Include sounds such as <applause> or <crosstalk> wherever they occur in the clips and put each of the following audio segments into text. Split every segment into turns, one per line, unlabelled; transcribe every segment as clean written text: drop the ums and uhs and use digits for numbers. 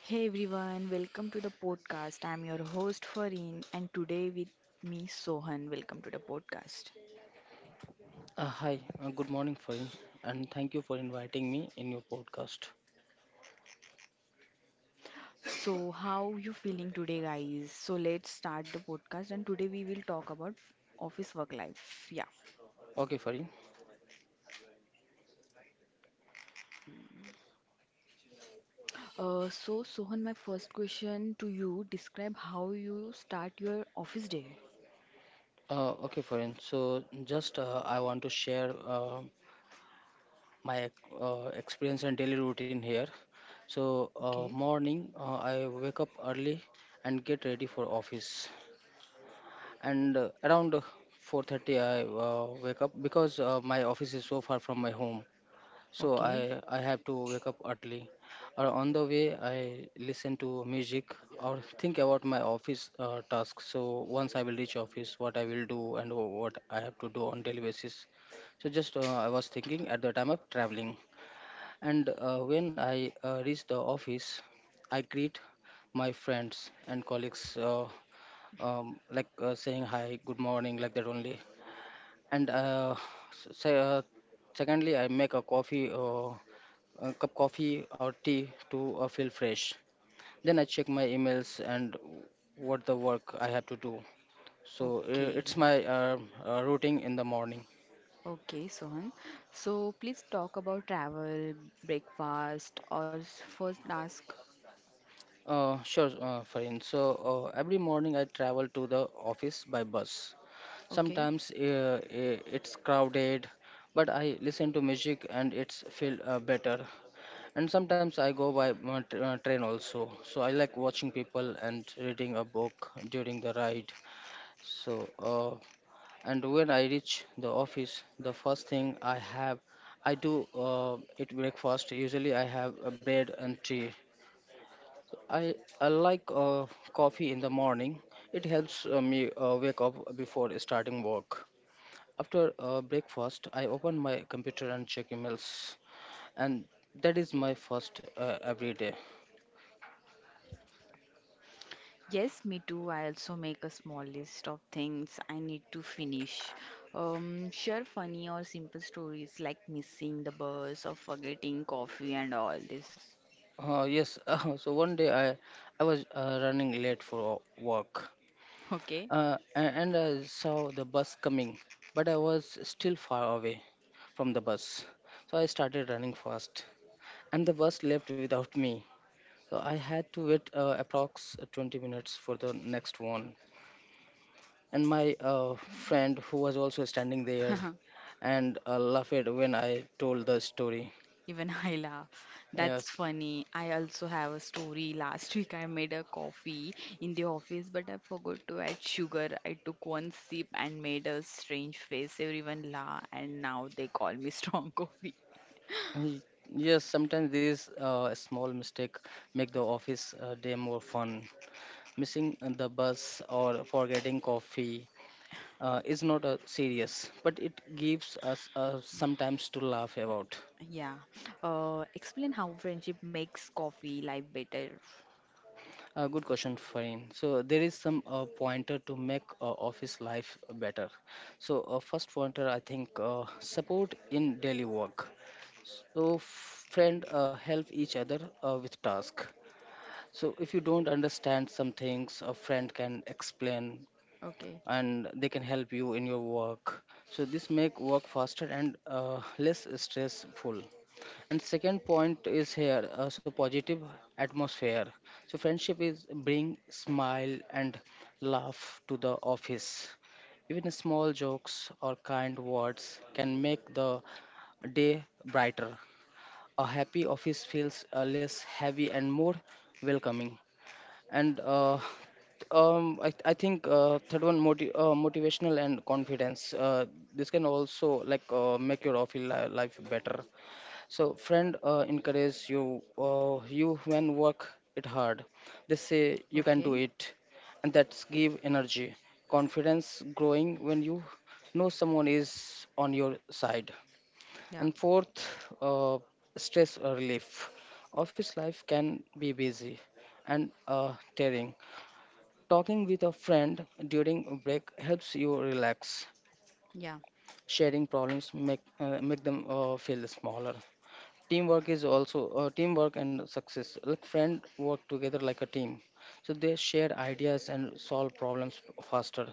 Hey everyone, welcome to the podcast. I'm your host Farin and today with me Sohan. Welcome to the podcast.
Good morning, Farin, and thank you for inviting me in your podcast.
So how you feeling today guys? So let's start the podcast and today we will talk about office work life. Yeah.
Okay, Farin.
So Sohan, my first question to you, describe how you start your office day.
Okay, Farin. So, just I want to share my experience and daily routine here. So
Okay.
morning I wake up early and get ready for office. And around 4:30 I wake up because my office is so far from my home. So I
Okay.
I have to wake up early. Or on the way, I listen to music or think about my office tasks. So once I will reach office, what I will do and what I have to do on daily basis. So just I was thinking at the time of traveling, and when I reach the office, I greet my friends and colleagues, like saying hi, good morning, like that only. And uh, s- say, uh, Secondly, I make a coffee. A cup coffee or tea to feel fresh. Then I check my emails and what the work I have to do. So
Okay.
it's my routine in the morning.
Okay, Sohan. So please talk about travel, breakfast or first task.
Sure, Farin. So every morning I travel to the office by bus.
Okay.
Sometimes it's crowded, but I listen to music and it's feel better. And sometimes I go by train also. So I like watching people and reading a book during the ride. So, uh, and when I reach the office, the first thing I have I do it breakfast. Usually I have a bread and tea. i, I like coffee in the morning. It helps me wake up before starting work. After breakfast, I open my computer and check emails, and that is my first every day.
Yes, me too. I also make a small list of things I need to finish. Share funny or simple stories like missing the bus or forgetting coffee and all this.
Yes. <laughs> So one day I was running late for work,
Okay?
and I saw the bus coming, but I was still far away from the bus. So I started running fast, and the bus left without me. So I had to wait approx 20 minutes for the next one. And my friend, who was also standing there,
<laughs>
and laughed when I told the story.
Even I laugh. That's
Yes.
funny. I also have a story. Last week I made a coffee in the office, but I forgot to add sugar. I took one sip and made a strange face. Everyone laughed, and now they call me <laughs> strong coffee.
Y- yes. Sometimes these small mistake make the office day more fun. Missing the bus or forgetting coffee is not serious, but it gives us sometimes to laugh about.
Yeah. Explain how friendship makes coffee life better.
Good question, Farin. So there is some pointer to make office life better. So first pointer, I think, support in daily work. So friend help each other with task. So if you don't understand some things, a friend can explain
Okay.
and they can help you in your work. So this make work faster and less stressful. And second point is here, so positive atmosphere. So friendship is bring smile and laugh to the office. Even small jokes or kind words can make the day brighter. A happy office feels less heavy and more welcoming. And I think third one motivational and confidence. This can also like make your office life better. So friend encourage you when work it hard. They say you can do
Okay.
it, and that's give energy, confidence growing when you know someone is on your side.
Yeah.
And fourth, uh, stress relief. Office life can be busy and tiring. Talking with a friend during a break helps you relax.
Yeah.
Sharing problems make make them feel smaller. Teamwork is also teamwork and success, like friend work together like a team, so they share ideas and solve problems faster.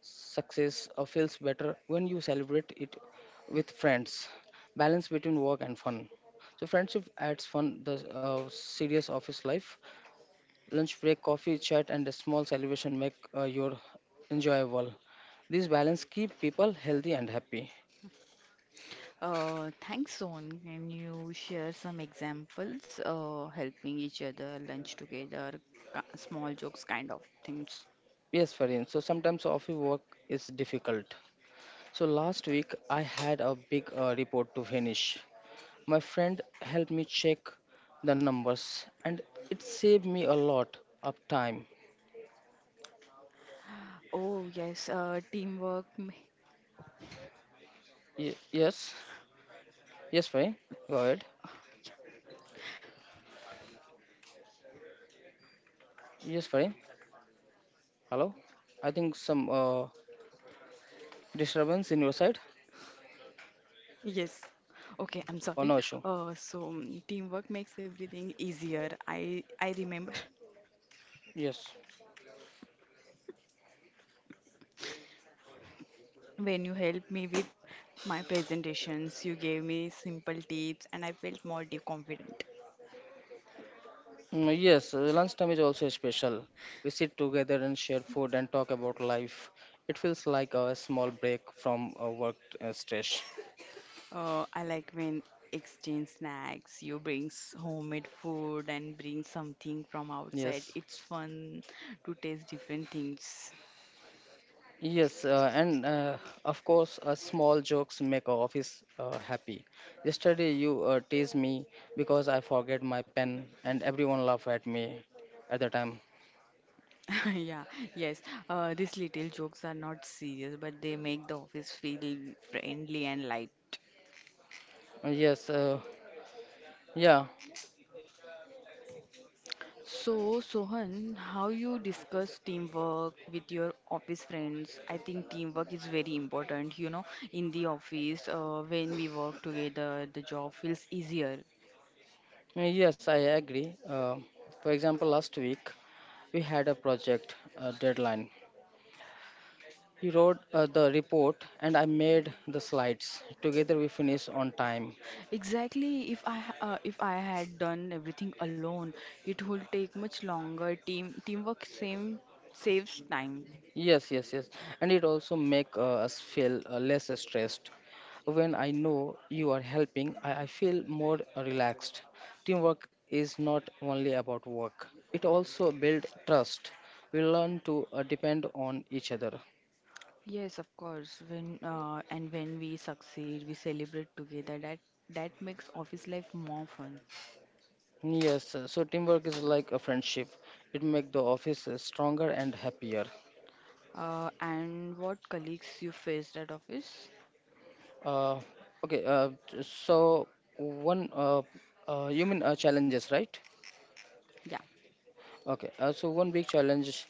Success feels better when you celebrate it with friends. Balance between work and fun, so friendship adds fun the serious office life. Lunch break, coffee chat, and a small celebration make your enjoyable. This balance keep people healthy and happy.
Thanks, Son. Can you share some examples? Helping each other, lunch together, small jokes, kind of things.
Yes, Farin. So sometimes office work is difficult. So last week I had a big report to finish. My friend helped me check the numbers and it saved me a lot of time.
Oh, yes. Teamwork.
Yes. Yes, Farin, go ahead. Yes, Farin, hello. I think some disturbance in your side
Yes. Okay, I'm
or
sorry.
no issue.
So teamwork makes everything easier. I remember <laughs>
Yes.
when you helped me with my presentations. You gave me simple tips and I felt more confident.
Mm, yes, lunchtime is also special. We sit together and share food and talk about life. It feels like a small break from work stress.
I like when exchange snacks. You brings homemade food and bring something from outside.
Yes.
It's fun to taste different things.
Yes, and of course, small jokes make our office happy. Yesterday, you teased me because I forget my pen, and everyone laughed at me at the time.
<laughs> yeah, yes. These little jokes are not serious, but they make the office feel friendly and light.
Yes, yeah.
So, Sohan, how you discuss teamwork with your office friends? I think teamwork is very important, you know, in the office, when we work together, the job feels easier.
Yes, I agree. For example, last week we had a project deadline. He wrote the report, and I made the slides. Together, we finished on time.
Exactly, if I had done everything alone, it would take much longer. Teamwork same saves time.
Yes, yes, yes. And it also make us feel less stressed. When I know you are helping, I feel more relaxed. Teamwork is not only about work. It also build trust. We learn to depend on each other.
Yes, of course. When and when we succeed, we celebrate together. That makes office life more fun.
Yes, so teamwork is like a friendship. It make the office stronger and happier.
And what colleagues you faced at office.
Uh, okay, so one You mean challenges, right?
Yeah,
Okay, so one big challenge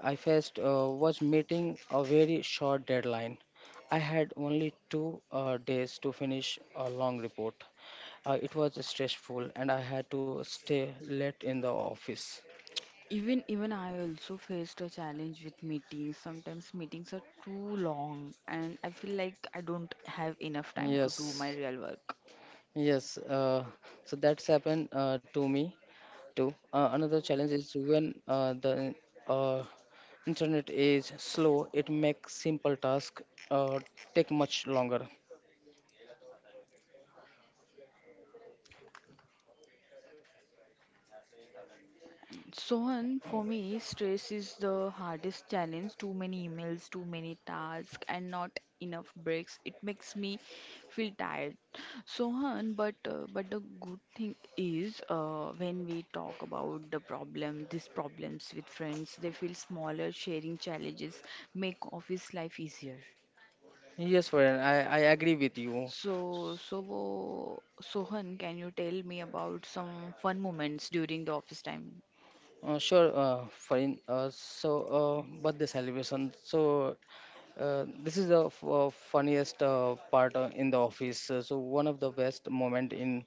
I faced was meeting a very short deadline. I had only two days to finish a long report. It was stressful, and I had to stay late in the office.
even I also faced a challenge with meetings. Sometimes meetings are too long, and I feel like I don't have enough time to do
Yes,
my real work.
yes. So that's happened to me too. Another challenge is when the uh, internet is slow, it makes simple tasks uh, take much longer.
Sohan, for me, stress is the hardest challenge. Too many emails, too many tasks, and not enough breaks. It makes me feel tired. Sohan, but the good thing is when we talk about the problem, these problems with friends, they feel smaller. Sharing challenges make office life easier.
Yes, Varun, I agree with you.
So, Sohan, can you tell me about some fun moments during the office time?
Sure, fine. Birthday celebration. This is the funniest part in the office. One of the best moment in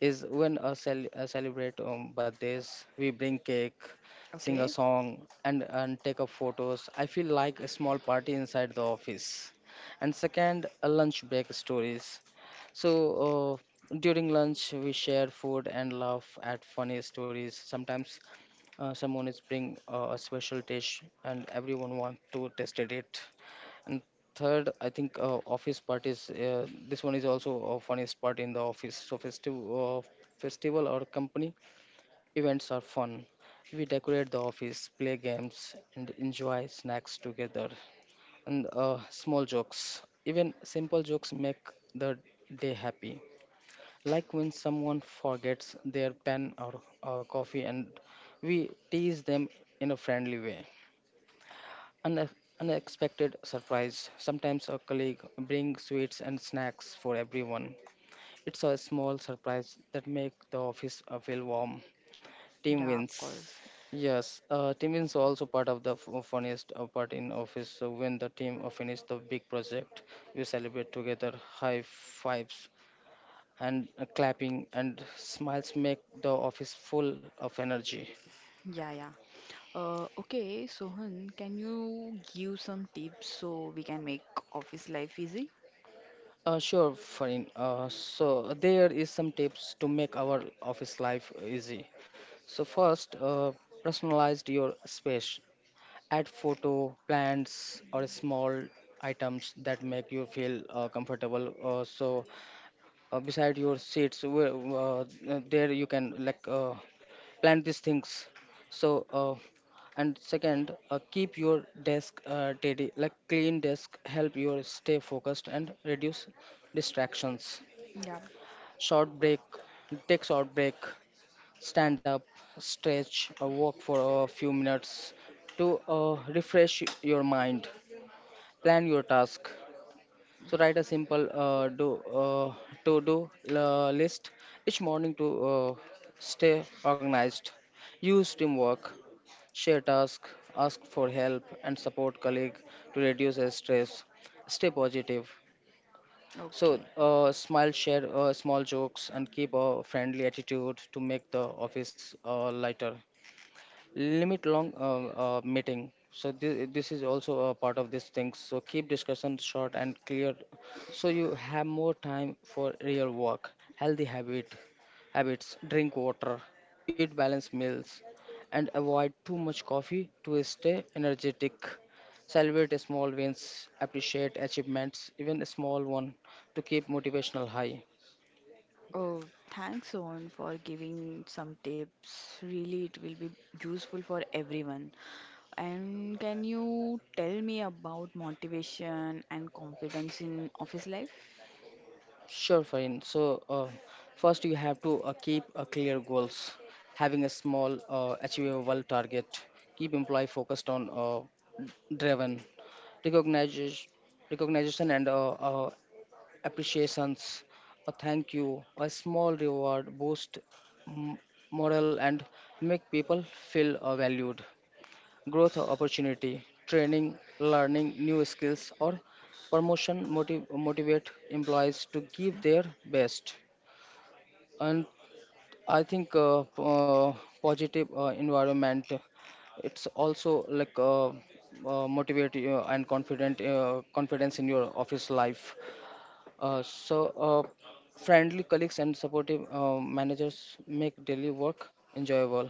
is when celebrate birthdays. We bring cake, sing a
Okay.
song, and take up photos. I feel like a small party inside the office. And second, lunch break stories. So. Uh, During lunch we share food and laugh at funny stories. Sometimes someone is bring a special dish and everyone want to tasted it. And third, I think office parties. This one is also a funniest part in the office. So festive uh, festival or company events are fun. We decorate the office, play games, and enjoy snacks together. And small jokes, even simple jokes, make the day happy, like when someone forgets their pen or coffee, and we tease them in a friendly way. An unexpected surprise. Sometimes a colleague brings sweets and snacks for everyone. It's a small surprise that makes the office feel warm. Team
Yeah, of
wins.
course.
Yes, team wins also part of the funniest part in office. So when the team finish the big project, we celebrate together. High fives and clapping and smiles make the office full of energy.
Yeah, yeah. Okay, Sohan, can you give some tips so we can make office life easy?
Sure, Farin. So there is some tips to make our office life easy. So first, personalized your space. Add photo, plants, or small items that make you feel comfortable. Beside your seats, where, there you can like plant these things. So uh, and second, keep your desk tidy, like clean desk help you stay focused and reduce distractions.
Yeah.
Short break. Take short break. Stand up, stretch, or walk for a few minutes to refresh your mind. Plan your task. So write a simple do uh, to do list each morning to stay organized. Use teamwork. Share tasks, ask for help, and support colleague to reduce their stress. Stay positive. So
Okay.
smile, share small jokes, and keep a friendly attitude to make the office lighter. Limit long meeting, so this is also a part of this thing. So keep discussion short and clear, so you have more time for real work. Healthy habits. Drink water, eat balanced meals, and avoid too much coffee to stay energetic. Celebrate small wins. Appreciate achievements, even a small one, to keep motivational high.
Oh, thanks, Sohan, for giving some tips. Really, it will be useful for everyone. And can you tell me about motivation and confidence in office life?
Sure, fine. First you have to keep a clear goals, having a small, achievable target. Keep employee focused on driven. recognition, Recognition and appreciations. A thank you, a small reward, boost m- morale, and make people feel valued. Growth opportunity, training, learning new skills, or promotion motivate employees to give their best. And I think positive environment it's also like motivate you and confident confidence in your office life. Uh, so uh, Friendly colleagues and supportive managers make daily work enjoyable.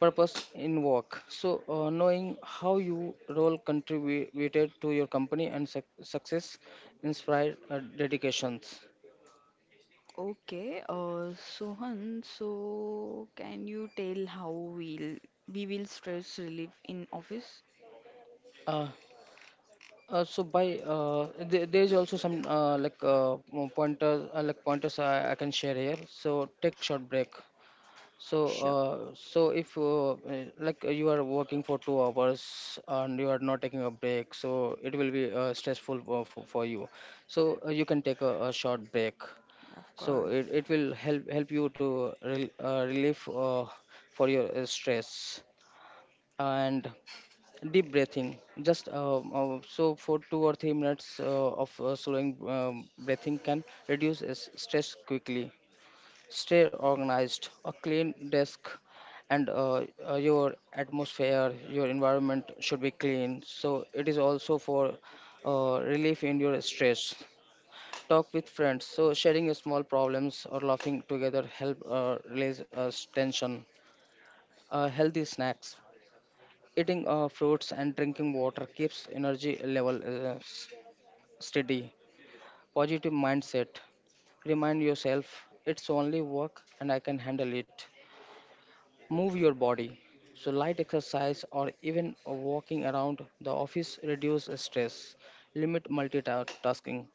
Purpose in work. So, knowing how your role contributed to your company and success inspired dedications.
Okay, Sohan, so can you tell how we will stress relief in office?
Uh, there is also some pointers I can share here. So take short break. So
Sure.
so if like You are working for 2 hours and you are not taking a break, so it will be stressful for you. You can take a short break
Of
so
course.
it will help you to relief for your stress. And deep breathing, just for 2 or 3 minutes of slowing breathing can reduce stress quickly. Stay organized. A clean desk, and your atmosphere, your environment should be clean, so it is also for relief in your stress. Talk with friends. So sharing your small problems or laughing together help release tension. Healthy snacks, eating fruits and drinking water keeps energy level steady. Positive mindset. Remind yourself it's only work and I can handle it. Move your body. So light exercise or even walking around the office reduce stress. Limit multitasking.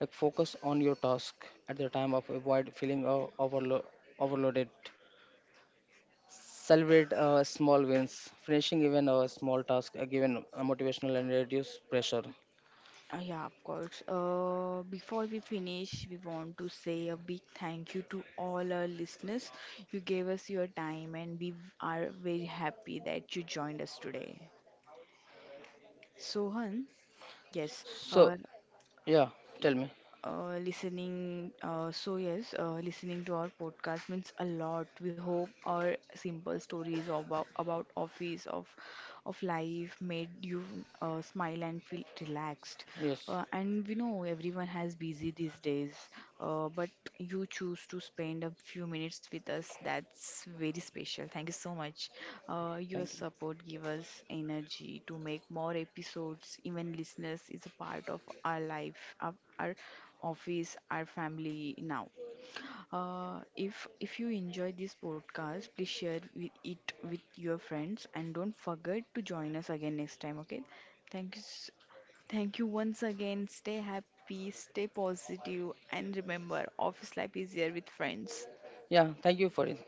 Like focus on your task at the time of avoid feeling overloaded. Celebrate small wins. Finishing even a small task given motivational and reduce pressure.
Yeah, of course. Before we finish, we want to say a big thank you to all our listeners. You gave us your time, and we are very happy that you joined us today. Sohan, yes,
So
uh,
yeah, tell me.
listening. So, yes, listening to our podcast means a lot. We hope our simple stories about office, of life made you smile and feel relaxed.
Yes,
And we know everyone has busy these days, but you choose to spend a few minutes with us. That's very special. Thank you so much. Your
thank you.
support give us energy to make more episodes. Even listeners is a part of our life, of our office, our family now. If if you enjoy this podcast, please share with it with your friends and don't forget to join us again next time. Okay? Thank you, s- Thank you once again. Stay happy, stay positive, and remember, office life is here with friends.
Yeah, thank you for it.